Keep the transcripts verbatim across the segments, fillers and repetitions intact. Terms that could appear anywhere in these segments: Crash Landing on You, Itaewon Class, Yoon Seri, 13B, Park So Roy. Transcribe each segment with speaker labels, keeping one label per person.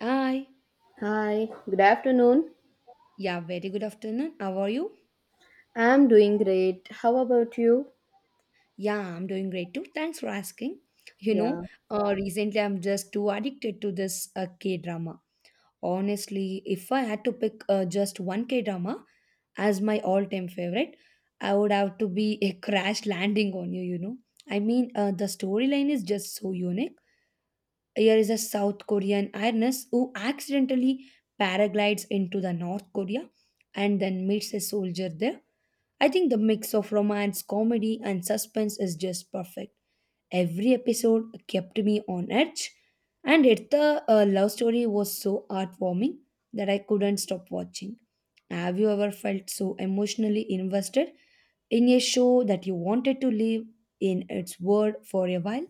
Speaker 1: Hi.
Speaker 2: Hi, good afternoon.
Speaker 1: Yeah, very good afternoon. How are you?
Speaker 2: I'm doing great. How about you?
Speaker 1: Yeah, I'm doing great too. Thanks for asking. You know,
Speaker 2: Yeah.
Speaker 1: uh, recently I'm just too addicted to this uh, K drama. Honestly, if I had to pick uh, just one K drama as my all time favorite, I would have to be a crash landing on you, you know. I mean, uh, the storyline is just so unique. Here is a South Korean ironess who accidentally paraglides into the North Korea and then meets a soldier there. I think the mix of romance, comedy, and suspense is just perfect. Every episode kept me on edge, and it, the uh, love story was so heartwarming that I couldn't stop watching. Have you ever felt so emotionally invested in a show that you wanted to live in its world for a while?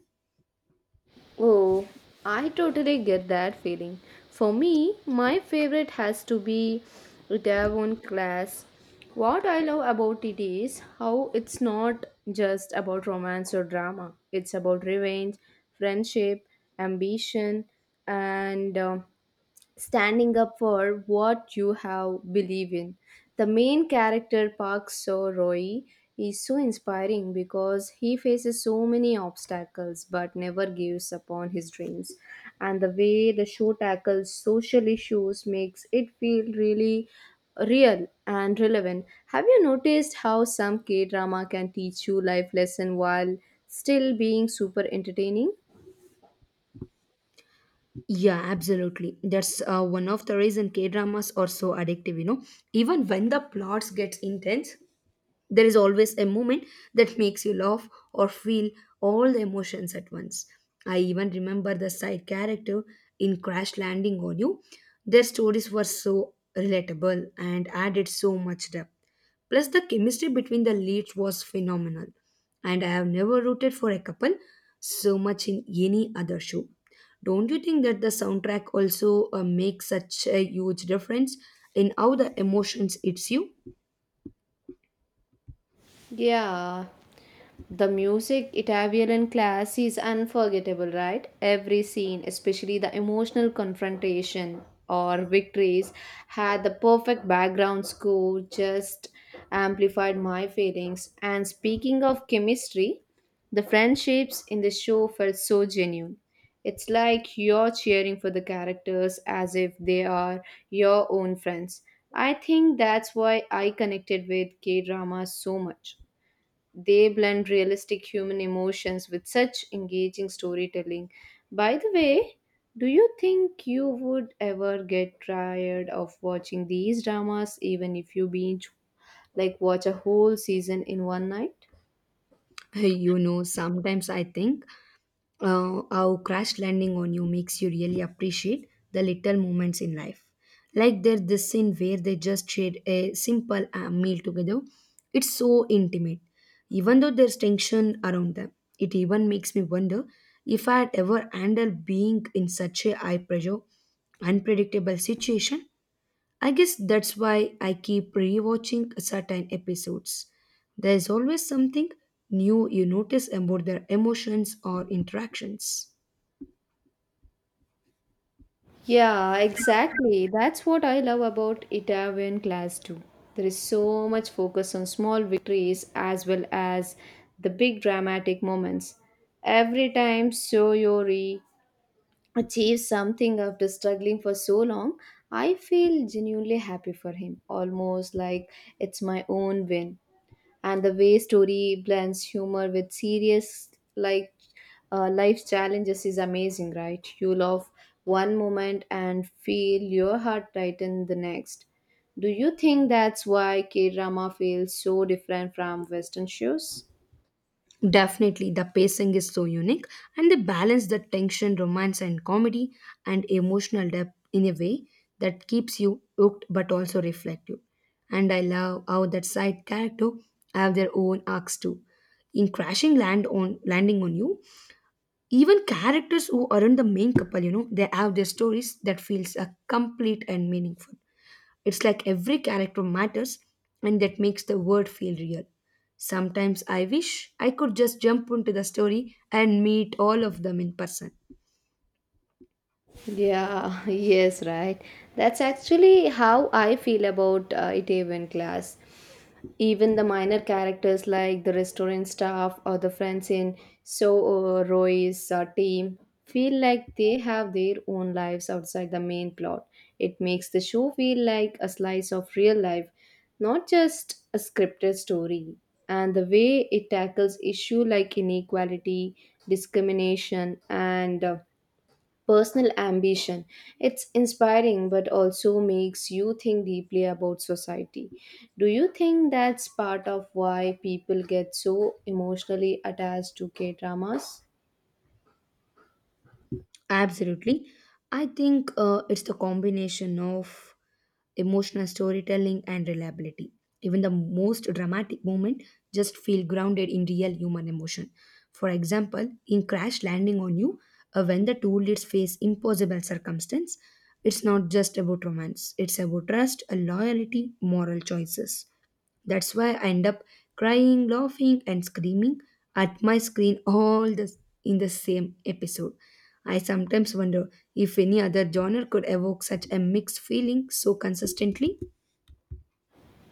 Speaker 2: Oh, I totally get that feeling. For me, my favorite has to be Itavon class. What I love about it is how it's not just about romance or drama. It's about revenge, friendship, ambition, and um standing up for what you have believe in. The main character Park So Roy is so inspiring because he faces so many obstacles but never gives up on his dreams. And the way the show tackles social issues makes it feel really real and relevant. Have you noticed how some K drama can teach you life lesson while still being super entertaining?
Speaker 1: Yeah, absolutely. That's uh, one of the reason K dramas are so addictive. You know, even when the plots gets intense, there is always a moment that makes you laugh or feel all the emotions at once. I even remember the side character in Crash Landing on You. Their stories were so relatable and added so much depth. Plus, the chemistry between the leads was phenomenal. And I have never rooted for a couple so much in any other show. Don't you think that the soundtrack also uh, makes such a huge difference in how the emotions hits you?
Speaker 2: Yeah, the music, Italian and class, is unforgettable, right? Every scene, especially the emotional confrontation or victories, had the perfect background score, just amplified my feelings. And speaking of chemistry, the friendships in the show felt so genuine. It's like you're cheering for the characters as if they are your own friends. I think that's why I connected with K drama so much. They blend realistic human emotions with such engaging storytelling. By the way, do you think you would ever get tired of watching these dramas even if you binge like watch a whole season in one night?
Speaker 1: You know, sometimes I think uh, how crash landing on you makes you really appreciate the little moments in life. Like there's this scene where they just shared a simple uh, meal together. It's so intimate, even though there's tension around them. It even makes me wonder if I had ever handled being in such a high pressure, unpredictable situation. I guess that's why I keep rewatching certain episodes. There's always something new you notice about their emotions or interactions.
Speaker 2: Yeah, exactly. That's what I love about Italian class too. There is so much focus on small victories as well as the big dramatic moments. Every time Soyori achieve something after struggling for so long, I feel genuinely happy for him, almost like it's my own win. And the way story blends humor with serious like uh, life challenges is amazing, right? You love one moment and feel your heart tighten the next. Do you think that's why K drama feels so different from Western shows?
Speaker 1: Definitely, the pacing is so unique and they balance the tension, romance, and comedy and emotional depth in a way that keeps you hooked but also reflective. And I love how that side character have their own arcs too. In Crashing Land on Landing on You, even characters who aren't the main couple, you know, they have their stories that feels uh, complete and meaningful. It's like every character matters, and that makes the world feel real. Sometimes I wish I could just jump into the story and meet all of them in person.
Speaker 2: Yeah, yes, right. That's actually how I feel about uh, it even class. Even the minor characters like the restaurant staff or the friends in So uh, Roy's uh, team feel like they have their own lives outside the main plot. It makes the show feel like a slice of real life, not just a scripted story. And the way it tackles issue like inequality, discrimination, and uh, personal ambition. It's inspiring but also makes you think deeply about society. Do you think that's part of why people get so emotionally attached to K dramas?
Speaker 1: Absolutely. I think uh, it's the combination of emotional storytelling and reliability. Even the most dramatic moment just feel grounded in real human emotion. For example, in Crash Landing on You, uh, when the two leads face impossible circumstance, it's not just about romance. It's about trust, loyalty, moral choices. That's why I end up crying, laughing, and screaming at my screen all the, in the same episode. I sometimes wonder if any other genre could evoke such a mixed feeling so consistently.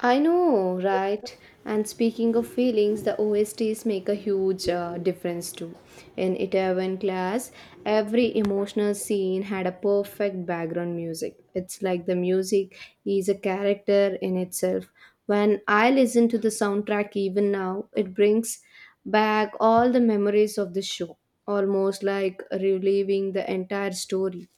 Speaker 2: I know, right? And speaking of feelings, the O S Ts make a huge uh, difference too. In Itaewon class, every emotional scene had a perfect background music. It's like the music is a character in itself. When I listen to the soundtrack even now, it brings back all the memories of the show, almost like reliving the entire story.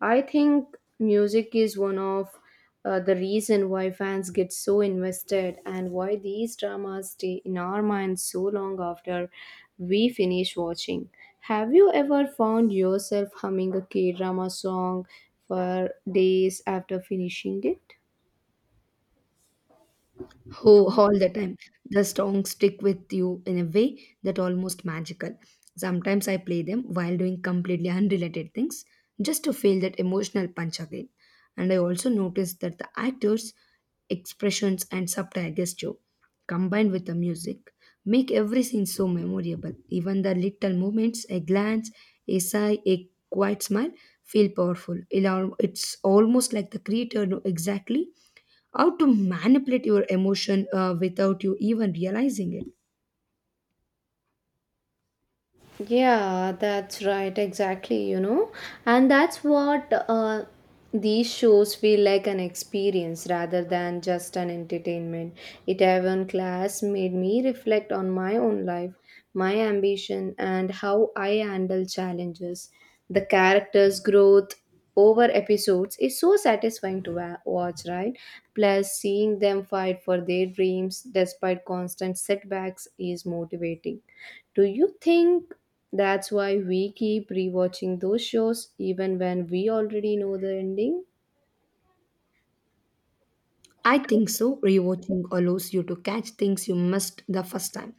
Speaker 2: I think music is one of uh, the reason why fans get so invested and why these dramas stay in our minds so long after we finish watching. Have you ever found yourself humming a K-drama song for days after finishing it?
Speaker 1: Oh, all the time. The songs stick with you in a way that almost magical. Sometimes I play them while doing completely unrelated things just to feel that emotional punch again. And I also noticed that the actors expressions and subtle gesture combined with the music make every scene so memorable. Even the little movements, a glance, a sigh, a quiet smile feel powerful. It al- it's almost like the creator know exactly how to manipulate your emotion uh, without you even realizing it.
Speaker 2: Yeah, that's right, exactly, you know. And that's what uh, these shows feel like an experience rather than just an entertainment. It even class made me reflect on my own life, my ambition, and how I handle challenges. The characters' growth over episodes is so satisfying to wa- watch, right? Plus, seeing them fight for their dreams despite constant setbacks is motivating. Do you think that's why we keep rewatching those shows even when we already know the ending?
Speaker 1: I think so. Rewatching allows you to catch things you missed the first time.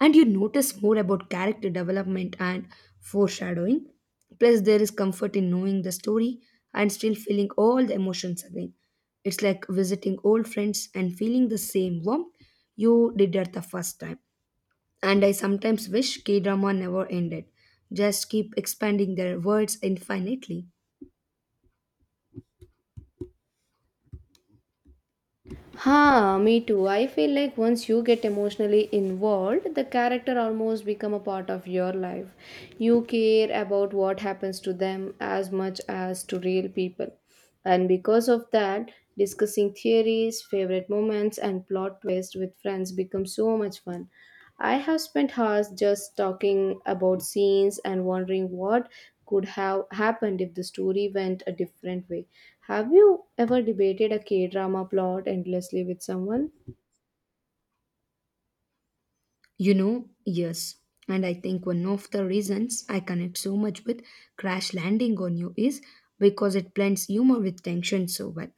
Speaker 1: And you notice more about character development and foreshadowing. Plus, there is comfort in knowing the story and still feeling all the emotions again. It's like visiting old friends and feeling the same warmth you did at the first time. And I sometimes wish K drama never ended, just keep expanding their words infinitely.
Speaker 2: Ha, me too. I feel like once you get emotionally involved, the character almost become a part of your life. You care about what happens to them as much as to real people. And because of that, discussing theories, favorite moments and plot twists with friends becomes so much fun. I have spent hours just talking about scenes and wondering what could have happened if the story went a different way. Have you ever debated a K drama plot endlessly with someone?
Speaker 1: You know, yes. And I think one of the reasons I connect so much with Crash Landing on You is because it blends humor with tension so well.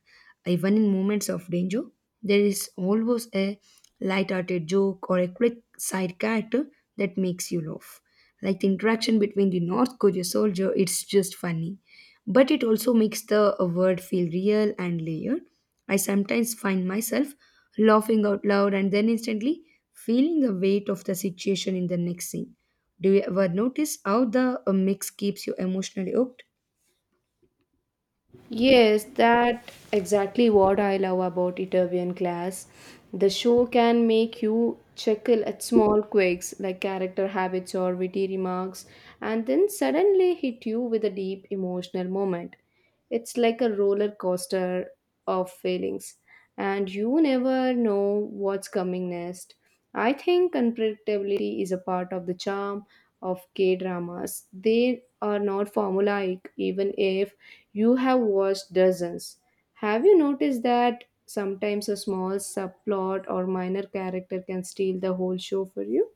Speaker 1: Even in moments of danger, there is always a light-hearted joke or a quick side character that makes you laugh. Like the interaction between the North Korea soldier, it's just funny. But it also makes the uh, world feel real and layered. I sometimes find myself laughing out loud and then instantly feeling the weight of the situation in the next scene. Do you ever notice how the uh, mix keeps you emotionally hooked?
Speaker 2: Yes, that exactly what I love about Italian class. The show can make you chuckle at small quirks like character habits or witty remarks, and then suddenly hit you with a deep emotional moment. It's like a roller coaster of failings and you never know what's coming next. I think unpredictability is a part of the charm of K dramas. They are not formulaic, even if you have watched dozens. Have you noticed that sometimes a small subplot or minor character can steal the whole show for you?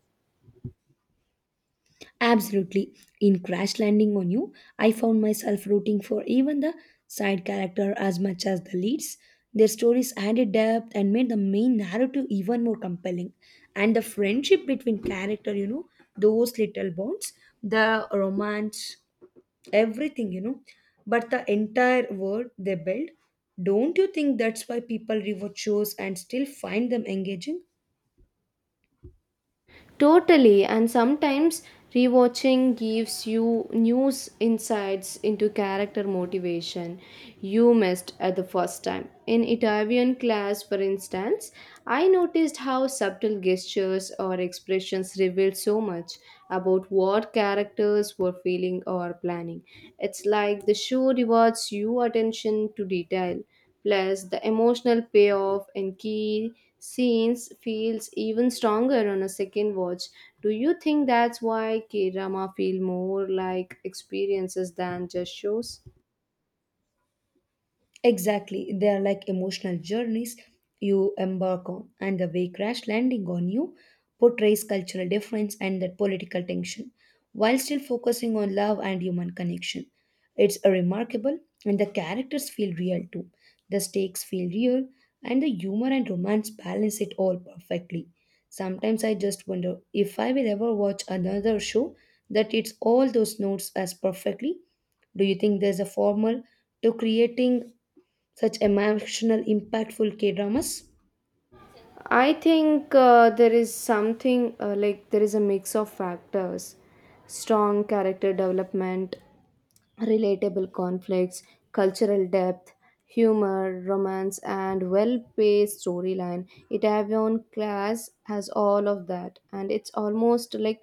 Speaker 1: Absolutely. In Crash Landing on You, I found myself rooting for even the side character as much as the leads. Their stories added depth and made the main narrative even more compelling. And the friendship between character, you know, those little bonds, the romance, everything, you know, but the entire world they build. Don't you think that's why people rewatch shows and still find them engaging?
Speaker 2: Totally, and sometimes rewatching gives you new insights into character motivation you missed at the first time. In Italian class, for instance, I noticed how subtle gestures or expressions revealed so much about what characters were feeling or planning. It's like the show rewards you attention to detail. Plus, the emotional payoff in key scenes feels even stronger on a second watch. Do you think that's why K drama feel more like experiences than just shows?
Speaker 1: Exactly. They are like emotional journeys you embark on, and the way Crash Landing on You portrays cultural difference and that political tension, while still focusing on love and human connection. It's a remarkable, and the characters feel real too. The stakes feel real, and the humor and romance balance it all perfectly. Sometimes I just wonder if I will ever watch another show that hits all those notes as perfectly. Do you think there's a formula to creating such emotional, impactful K dramas?
Speaker 2: I think uh, there is something uh, like there is a mix of factors, strong character development, relatable conflicts, cultural depth, humor, romance, and well-paced storyline. It Itaewon Class has all of that, and it's almost like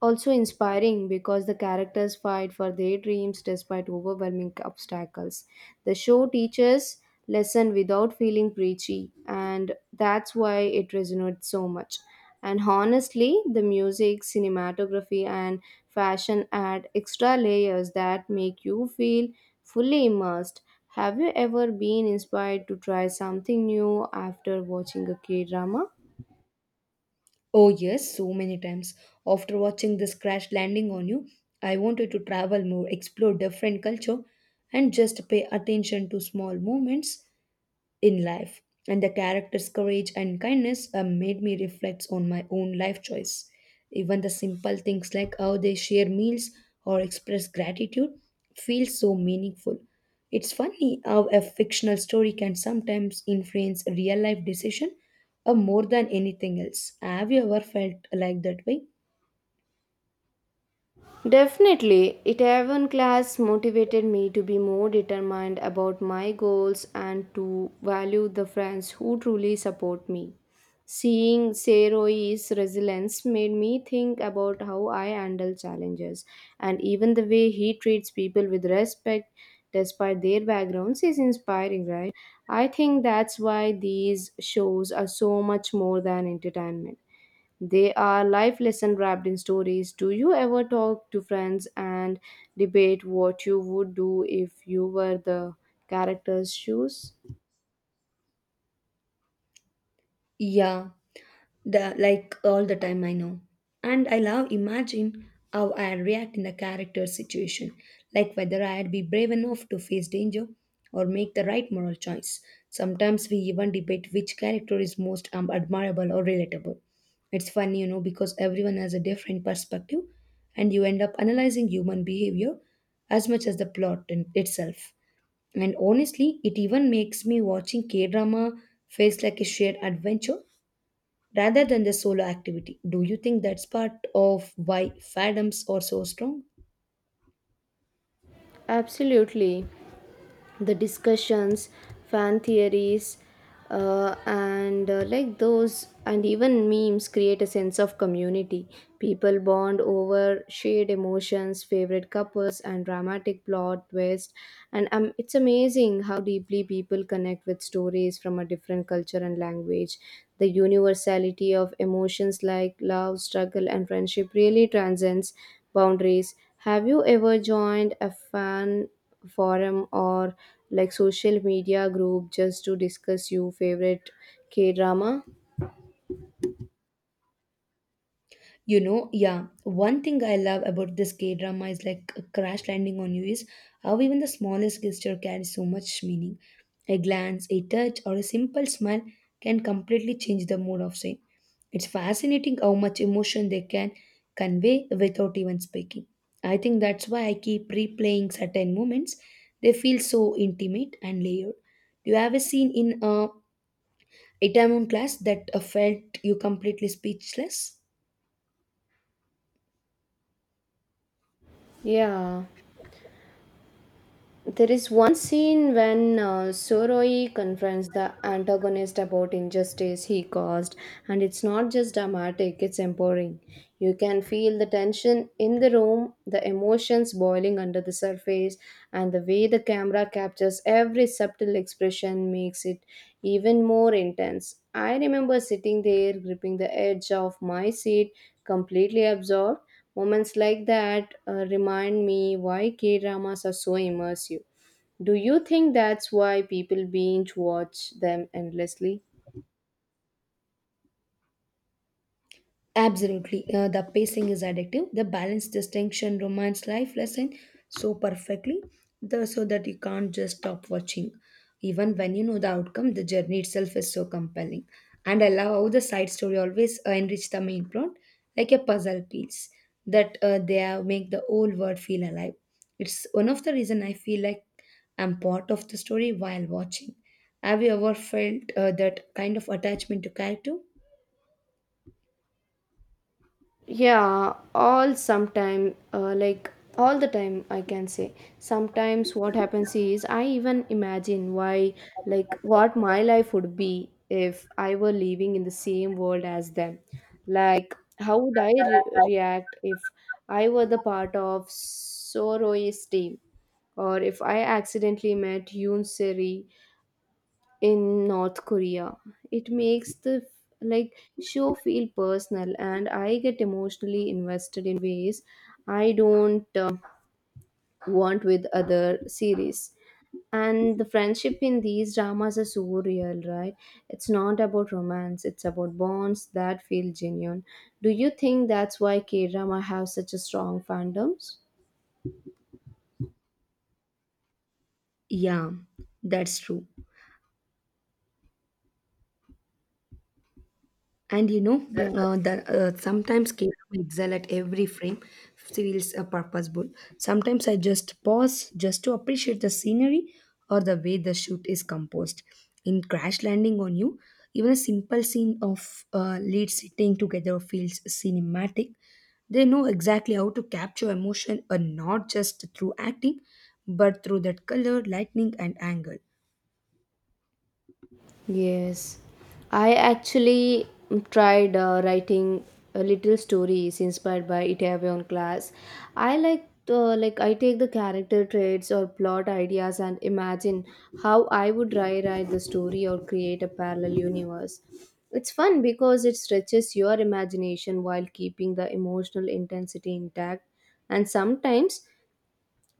Speaker 2: also inspiring because the characters fight for their dreams despite overwhelming obstacles. The show teaches lesson without feeling preachy and that's why it resonates so much. And honestly, the music, cinematography and fashion add extra layers that make you feel fully immersed. Have you ever been inspired to try something new after watching a K-drama?
Speaker 1: Oh, yes, so many times. After watching this crash landing on you, I wanted to travel more, explore different culture, and just pay attention to small moments in life. And the character's courage and kindness uh, made me reflect on my own life choice. Even the simple things like how they share meals or express gratitude feel so meaningful. It's funny how a fictional story can sometimes influence real life decision uh, more than anything else. Have you ever felt like that way?
Speaker 2: Definitely, it even class motivated me to be more determined about my goals and to value the friends who truly support me. Seeing Seroi's resilience made me think about how I handle challenges, and even the way he treats people with respect despite their backgrounds is inspiring, right? I think that's why these shows are so much more than entertainment. They are life lesson wrapped in stories. Do you ever talk to friends and debate what you would do if you were the character's shoes?
Speaker 1: Yeah. The, like all the time, I know. And I love imagine how I react in the character situation, like whether I'd be brave enough to face danger or make the right moral choice. Sometimes we even debate which character is most um, admirable or relatable. It's funny, you know, because everyone has a different perspective, and you end up analyzing human behavior as much as the plot in itself. And honestly, it even makes me watching K drama feels like a shared adventure rather than the solo activity. Do you think that's part of why fandoms are so strong?
Speaker 2: Absolutely. The discussions, fan theories, uh, and uh, like those, and even memes create a sense of community. People bond over shared emotions, favorite couples, and dramatic plot twists. And um, it's amazing how deeply people connect with stories from a different culture and language. The universality of emotions like love, struggle, and friendship really transcends boundaries. Have you ever joined a fan forum or like social media group just to discuss your favorite K drama?
Speaker 1: You know, yeah, one thing I love about this K drama is like a crash landing on you is how even the smallest gesture carries so much meaning. A glance, a touch, or a simple smile can completely change the mood of scene. It's fascinating how much emotion they can convey without even speaking. I think that's why I keep replaying certain moments. They feel so intimate and layered. Do you have a scene in a It time on class that uh, felt you completely speechless.
Speaker 2: Yeah. There is one scene when uh, Soroi confronts the antagonist about injustice he caused, and it's not just dramatic, it's empowering. You can feel the tension in the room, the emotions boiling under the surface, and the way the camera captures every subtle expression makes it even more intense. I remember sitting there, gripping the edge of my seat, completely absorbed. Moments like that uh, remind me why K dramas are so immersive. Do you think that's why people binge watch them endlessly?
Speaker 1: Absolutely. Uh, the pacing is addictive. The balance, distinction, romance, life lesson so perfectly the, so that you can't just stop watching. Even when you know the outcome, the journey itself is so compelling. And I love how the side story always uh, enrich the main plot like a puzzle piece that uh, they have make the whole world feel alive. It's one of the reason I feel like I'm part of the story while watching. Have you ever felt uh, that kind of attachment to character?
Speaker 2: Yeah, all sometime, uh, like all the time, I can say. Sometimes what happens is I even imagine why, like, what my life would be if I were living in the same world as them. Like, how would I re- react if I were the part of Soroy's team, or if I accidentally met Yoon Seri, in North Korea. It makes the like show feel personal and I get emotionally invested in ways I don't uh, want with other series. And the friendship in these dramas are so real, right? It's not about romance, it's about bonds that feel genuine. Do you think that's why K drama have such a strong fandoms?
Speaker 1: Yeah, that's true. And you know,
Speaker 2: Yeah.
Speaker 1: uh, the, uh, sometimes Caleb excel at every frame feels uh, purposeful. Sometimes I just pause just to appreciate the scenery or the way the shoot is composed. In Crash Landing on You, even a simple scene of uh, leads sitting together feels cinematic. They know exactly how to capture emotion, uh, not just through acting, but through that color, lightning, and angle.
Speaker 2: Yes, I actually tried uh, writing a little stories inspired by Itaewon class. I like uh, like I take the character traits or plot ideas and imagine how I would rewrite the story or create a parallel universe. It's fun because it stretches your imagination while keeping the emotional intensity intact, and sometimes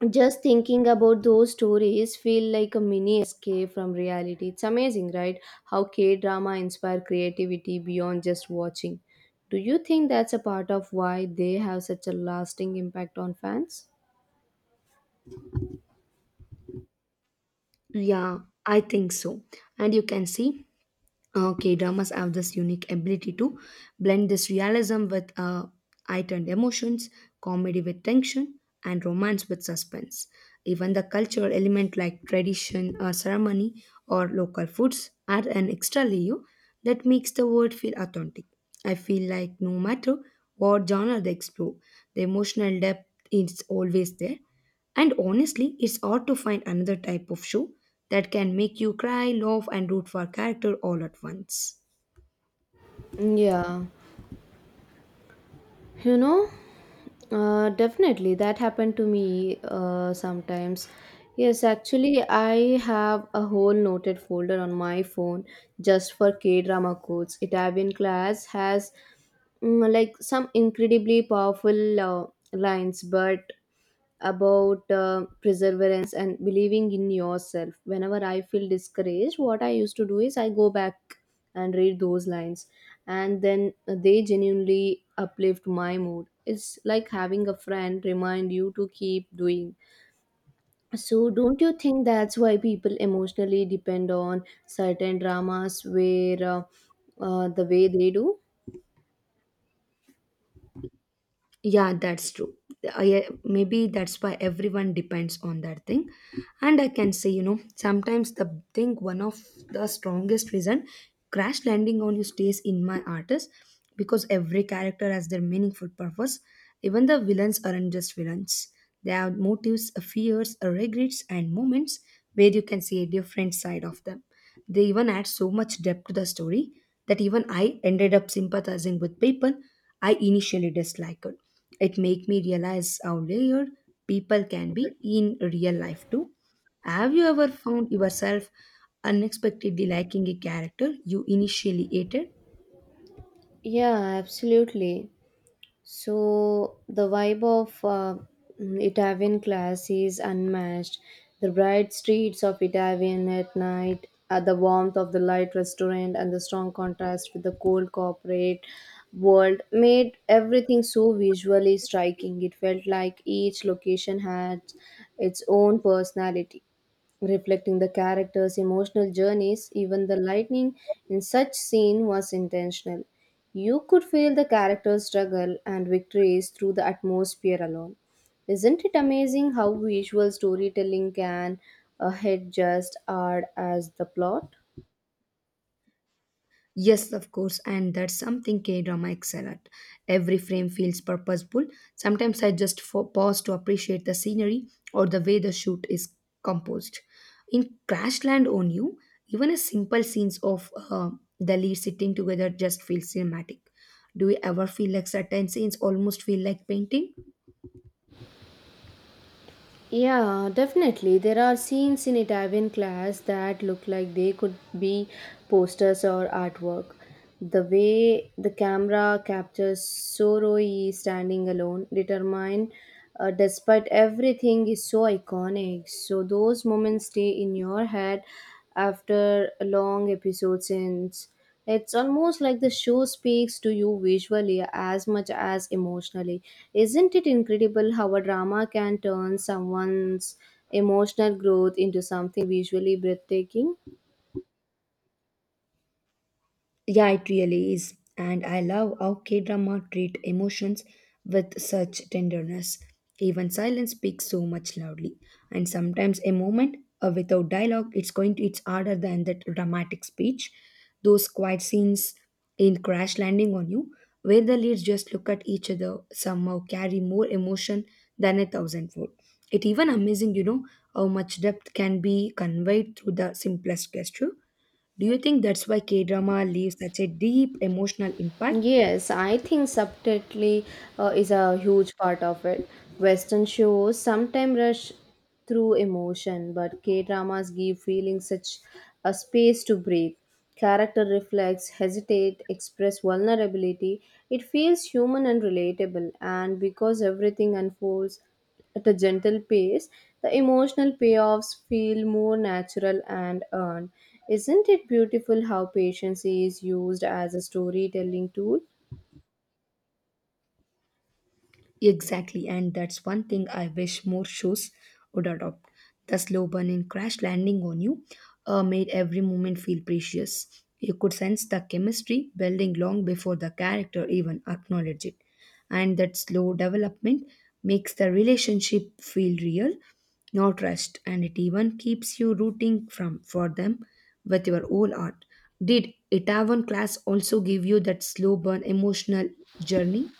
Speaker 2: just thinking about those stories feel like a mini escape from reality. It's amazing right how K drama inspire creativity beyond just watching. Do you think that's a part of why they have such a lasting impact on fans?
Speaker 1: Yeah, I think so. And you can see uh, K-dramas have this unique ability to blend this realism with uh, heightened emotions, comedy with tension, and romance with suspense. Even the cultural element like tradition, uh, ceremony, or local foods add an extra layer that makes the world feel authentic. I feel like no matter what genre they explore, the emotional depth is always there, and honestly, it's odd to find another type of show that can make you cry, laugh, and root for a character all at once.
Speaker 2: Yeah. You know, uh, definitely that happened to me uh, sometimes. Yes, actually, I have a whole noted folder on my phone just for K drama quotes. Italian class has mm, like some incredibly powerful uh, lines, but about uh, perseverance and believing in yourself. Whenever I feel discouraged, what I used to do is I go back and read those lines, and then they genuinely uplift my mood. It's like having a friend remind you to keep doing so. Don't you think that's why people emotionally depend on certain dramas where uh, uh, the way they do?
Speaker 1: Yeah, that's true. I, maybe that's why everyone depends on that thing. And I can say, you know, sometimes the thing, one of the strongest reason crash landing on you stays in my art is because every character has their meaningful purpose. Even the villains aren't just villains, they have motives, fears, regrets and moments where you can see a different side of them. They even add so much depth to the story that even I ended up sympathizing with people I initially disliked it. It made me realize how layered people can be in real life too. Have you ever found yourself unexpectedly liking a character you initially hated?
Speaker 2: Yeah, absolutely. So the vibe of uh, Italian class is unmatched. The bright streets of Italian at night, uh, the warmth of the light restaurant, and the strong contrast with the cold corporate world made everything so visually striking. It felt like each location had its own personality reflecting the characters' emotional journeys, even the lightning in such scene was intentional. You could feel the characters' struggle and victories through the atmosphere alone. Isn't it amazing how visual storytelling can uh, hit just hard as the plot?
Speaker 1: Yes, of course, and that's something K drama excel at. Every frame feels purposeful. Sometimes I just fo- pause to appreciate the scenery or the way the shoot is composed. In Crashland on You, even a simple scenes of uh, the lead sitting together just feel cinematic. Do you ever feel like certain scenes almost feel like painting?
Speaker 2: Yeah, definitely. There are scenes in Italian class that look like they could be posters or artwork. The way the camera captures Soroi standing alone, determined uh, despite everything, is so iconic. So, those moments stay in your head after long episode since. It's almost like the show speaks to you visually as much as emotionally. Isn't it incredible how a drama can turn someone's emotional growth into something visually breathtaking?
Speaker 1: Yeah, it really is. And I love how K drama treat emotions with such tenderness. Even silence speaks so much loudly. And sometimes a moment uh, without dialogue, it's going to it's harder than that dramatic speech. Those quiet scenes in Crash Landing on You, where the leads just look at each other, somehow carry more emotion than a thousandfold. It even amazing, you know, how much depth can be conveyed through the simplest gesture. Do you think that's why K drama leaves such a deep emotional impact?
Speaker 2: Yes, I think subtlety uh, is a huge part of it. Western shows sometimes rush through emotion, but K dramas give feelings such a space to breathe. Character reflects, hesitate, express vulnerability. It feels human and relatable, and because everything unfolds at a gentle pace, the emotional payoffs feel more natural and earned. Isn't it beautiful how patience is used as a storytelling tool?
Speaker 1: Exactly, and that's one thing I wish more shows would adopt. The slow burn in crash landing on you uh, made every moment feel precious. You could sense the chemistry building long before the character even acknowledged it. And that slow development makes the relationship feel real, not rushed, and it even keeps you rooting from for them with your whole heart. Did Itaewon class also give you that slow burn emotional journey?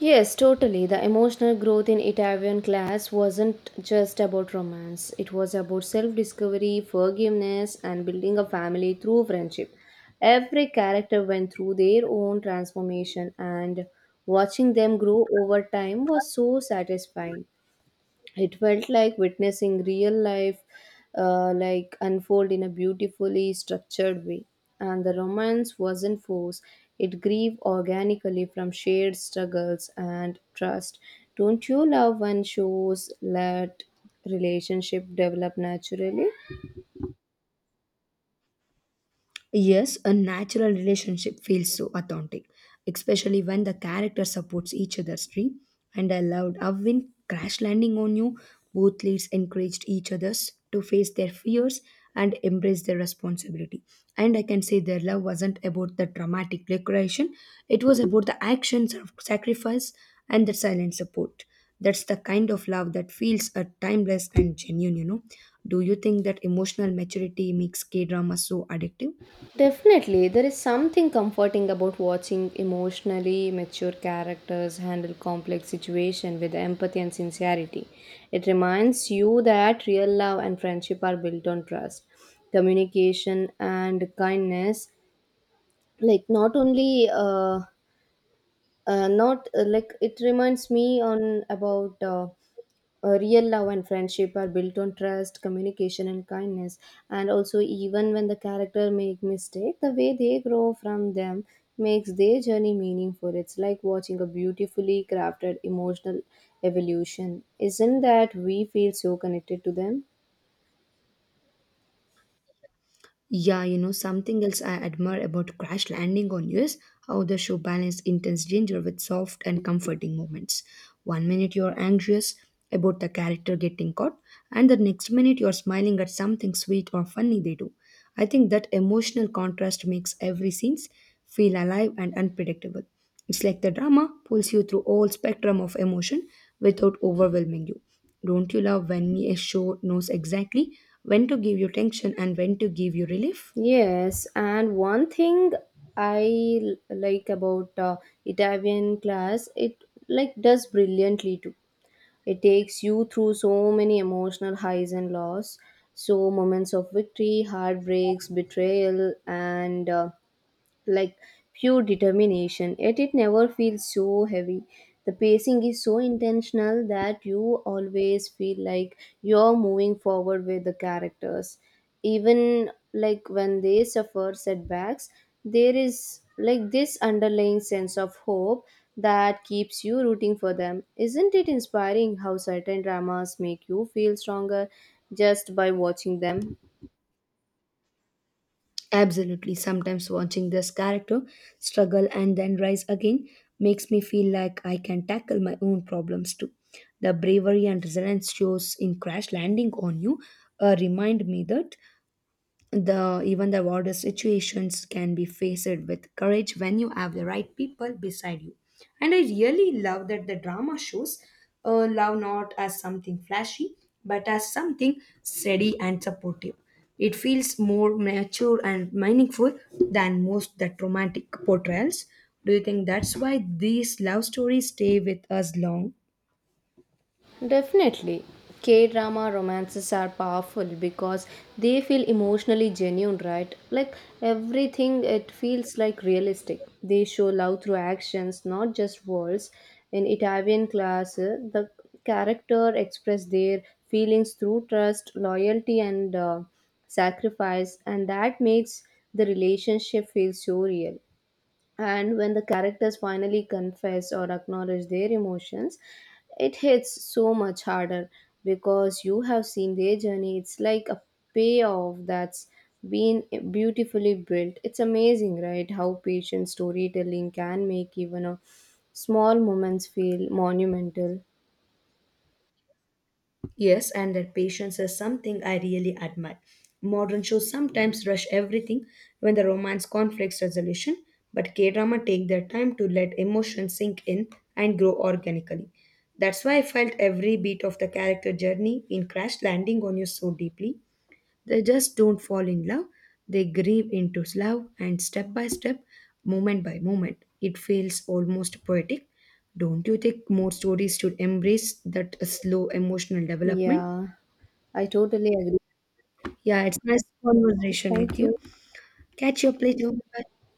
Speaker 2: Yes, totally. The emotional growth in Italian class wasn't just about romance, it was about self discovery, forgiveness, and building a family through friendship. Every character went through their own transformation, and watching them grow over time was so satisfying. It felt like witnessing real life uh, like unfold in a beautifully structured way, and the romance wasn't forced. It grew organically from shared struggles and trust. Don't you love when shows let relationship develop naturally?
Speaker 1: Yes, a natural relationship feels so authentic, especially when the character supports each other's dream. And I loved how when Crash Landing on You, both leads encouraged each others to face their fears and embrace their responsibility. And I can say their love wasn't about the dramatic decoration; it was about the actions of sacrifice and the silent support. That's the kind of love that feels uh, timeless and genuine, you know. Do you think that emotional maturity makes K drama so addictive?
Speaker 2: Definitely, there is something comforting about watching emotionally mature characters handle complex situations with empathy and sincerity. It reminds you that real love and friendship are built on trust, communication, and kindness. Like not only, uh, uh, not uh, like it reminds me on about. Uh, uh, real love and friendship are built on trust, communication, and kindness. And also, even when the character make mistake, the way they grow from them makes their journey meaningful. It's like watching a beautifully crafted emotional evolution. Isn't that we feel so connected to them?
Speaker 1: Yeah, you know, something else I admire about Crash Landing on You is how the show balanced intense danger with soft and comforting moments. One minute you're anxious about the character getting caught, and the next minute you're smiling at something sweet or funny they do. I think that emotional contrast makes every scene feel alive and unpredictable. It's like the drama pulls you through all spectrum of emotion without overwhelming you. Don't you love when a show knows exactly when to give you tension and when to give you relief?
Speaker 2: Yes, and one thing I l- like about uh, Italian class, it like does brilliantly too. It takes you through so many emotional highs and lows, so moments of victory, heartbreaks, betrayal, and uh, like pure determination, yet it never feels so heavy. The pacing is so intentional that you always feel like you're moving forward with the characters. Even like when they suffer setbacks, there is like this underlying sense of hope that keeps you rooting for them. Isn't it inspiring how certain dramas make you feel stronger just by watching them?
Speaker 1: Absolutely. Sometimes watching this character struggle and then rise again makes me feel like I can tackle my own problems too. The bravery and resilience shows in Crash Landing on You uh, remind me that the even the worst situations can be faced with courage when you have the right people beside you. And I really love that the drama shows uh, love not as something flashy but as something steady and supportive. It feels more mature and meaningful than most that romantic portrayals. Do you think that's why these love stories stay with us long?
Speaker 2: Definitely. K drama romances are powerful because they feel emotionally genuine, right? Like everything, it feels like realistic. They show love through actions, not just words. In Italian class, uh, the character express their feelings through trust, loyalty, and uh, sacrifice, and that makes the relationship feel so real. And when the characters finally confess or acknowledge their emotions, it hits so much harder because you have seen their journey. It's like a payoff that's been beautifully built. It's amazing, right, how patient storytelling can make even a small moments feel monumental.
Speaker 1: Yes, and that patience is something I really admire. Modern shows sometimes rush everything when the romance conflicts resolution, but K drama take their time to let emotions sink in and grow organically. That's why I felt every beat of the character journey in Crash Landing on You so deeply, they just don't fall in love, they grieve into love, and step by step, moment by moment, it feels almost poetic. Don't you think more stories should embrace that slow emotional development?
Speaker 2: Yeah, I totally agree.
Speaker 1: Yeah, it's nice conversation with
Speaker 2: Thank you.
Speaker 1: you. Catch your later. Bye.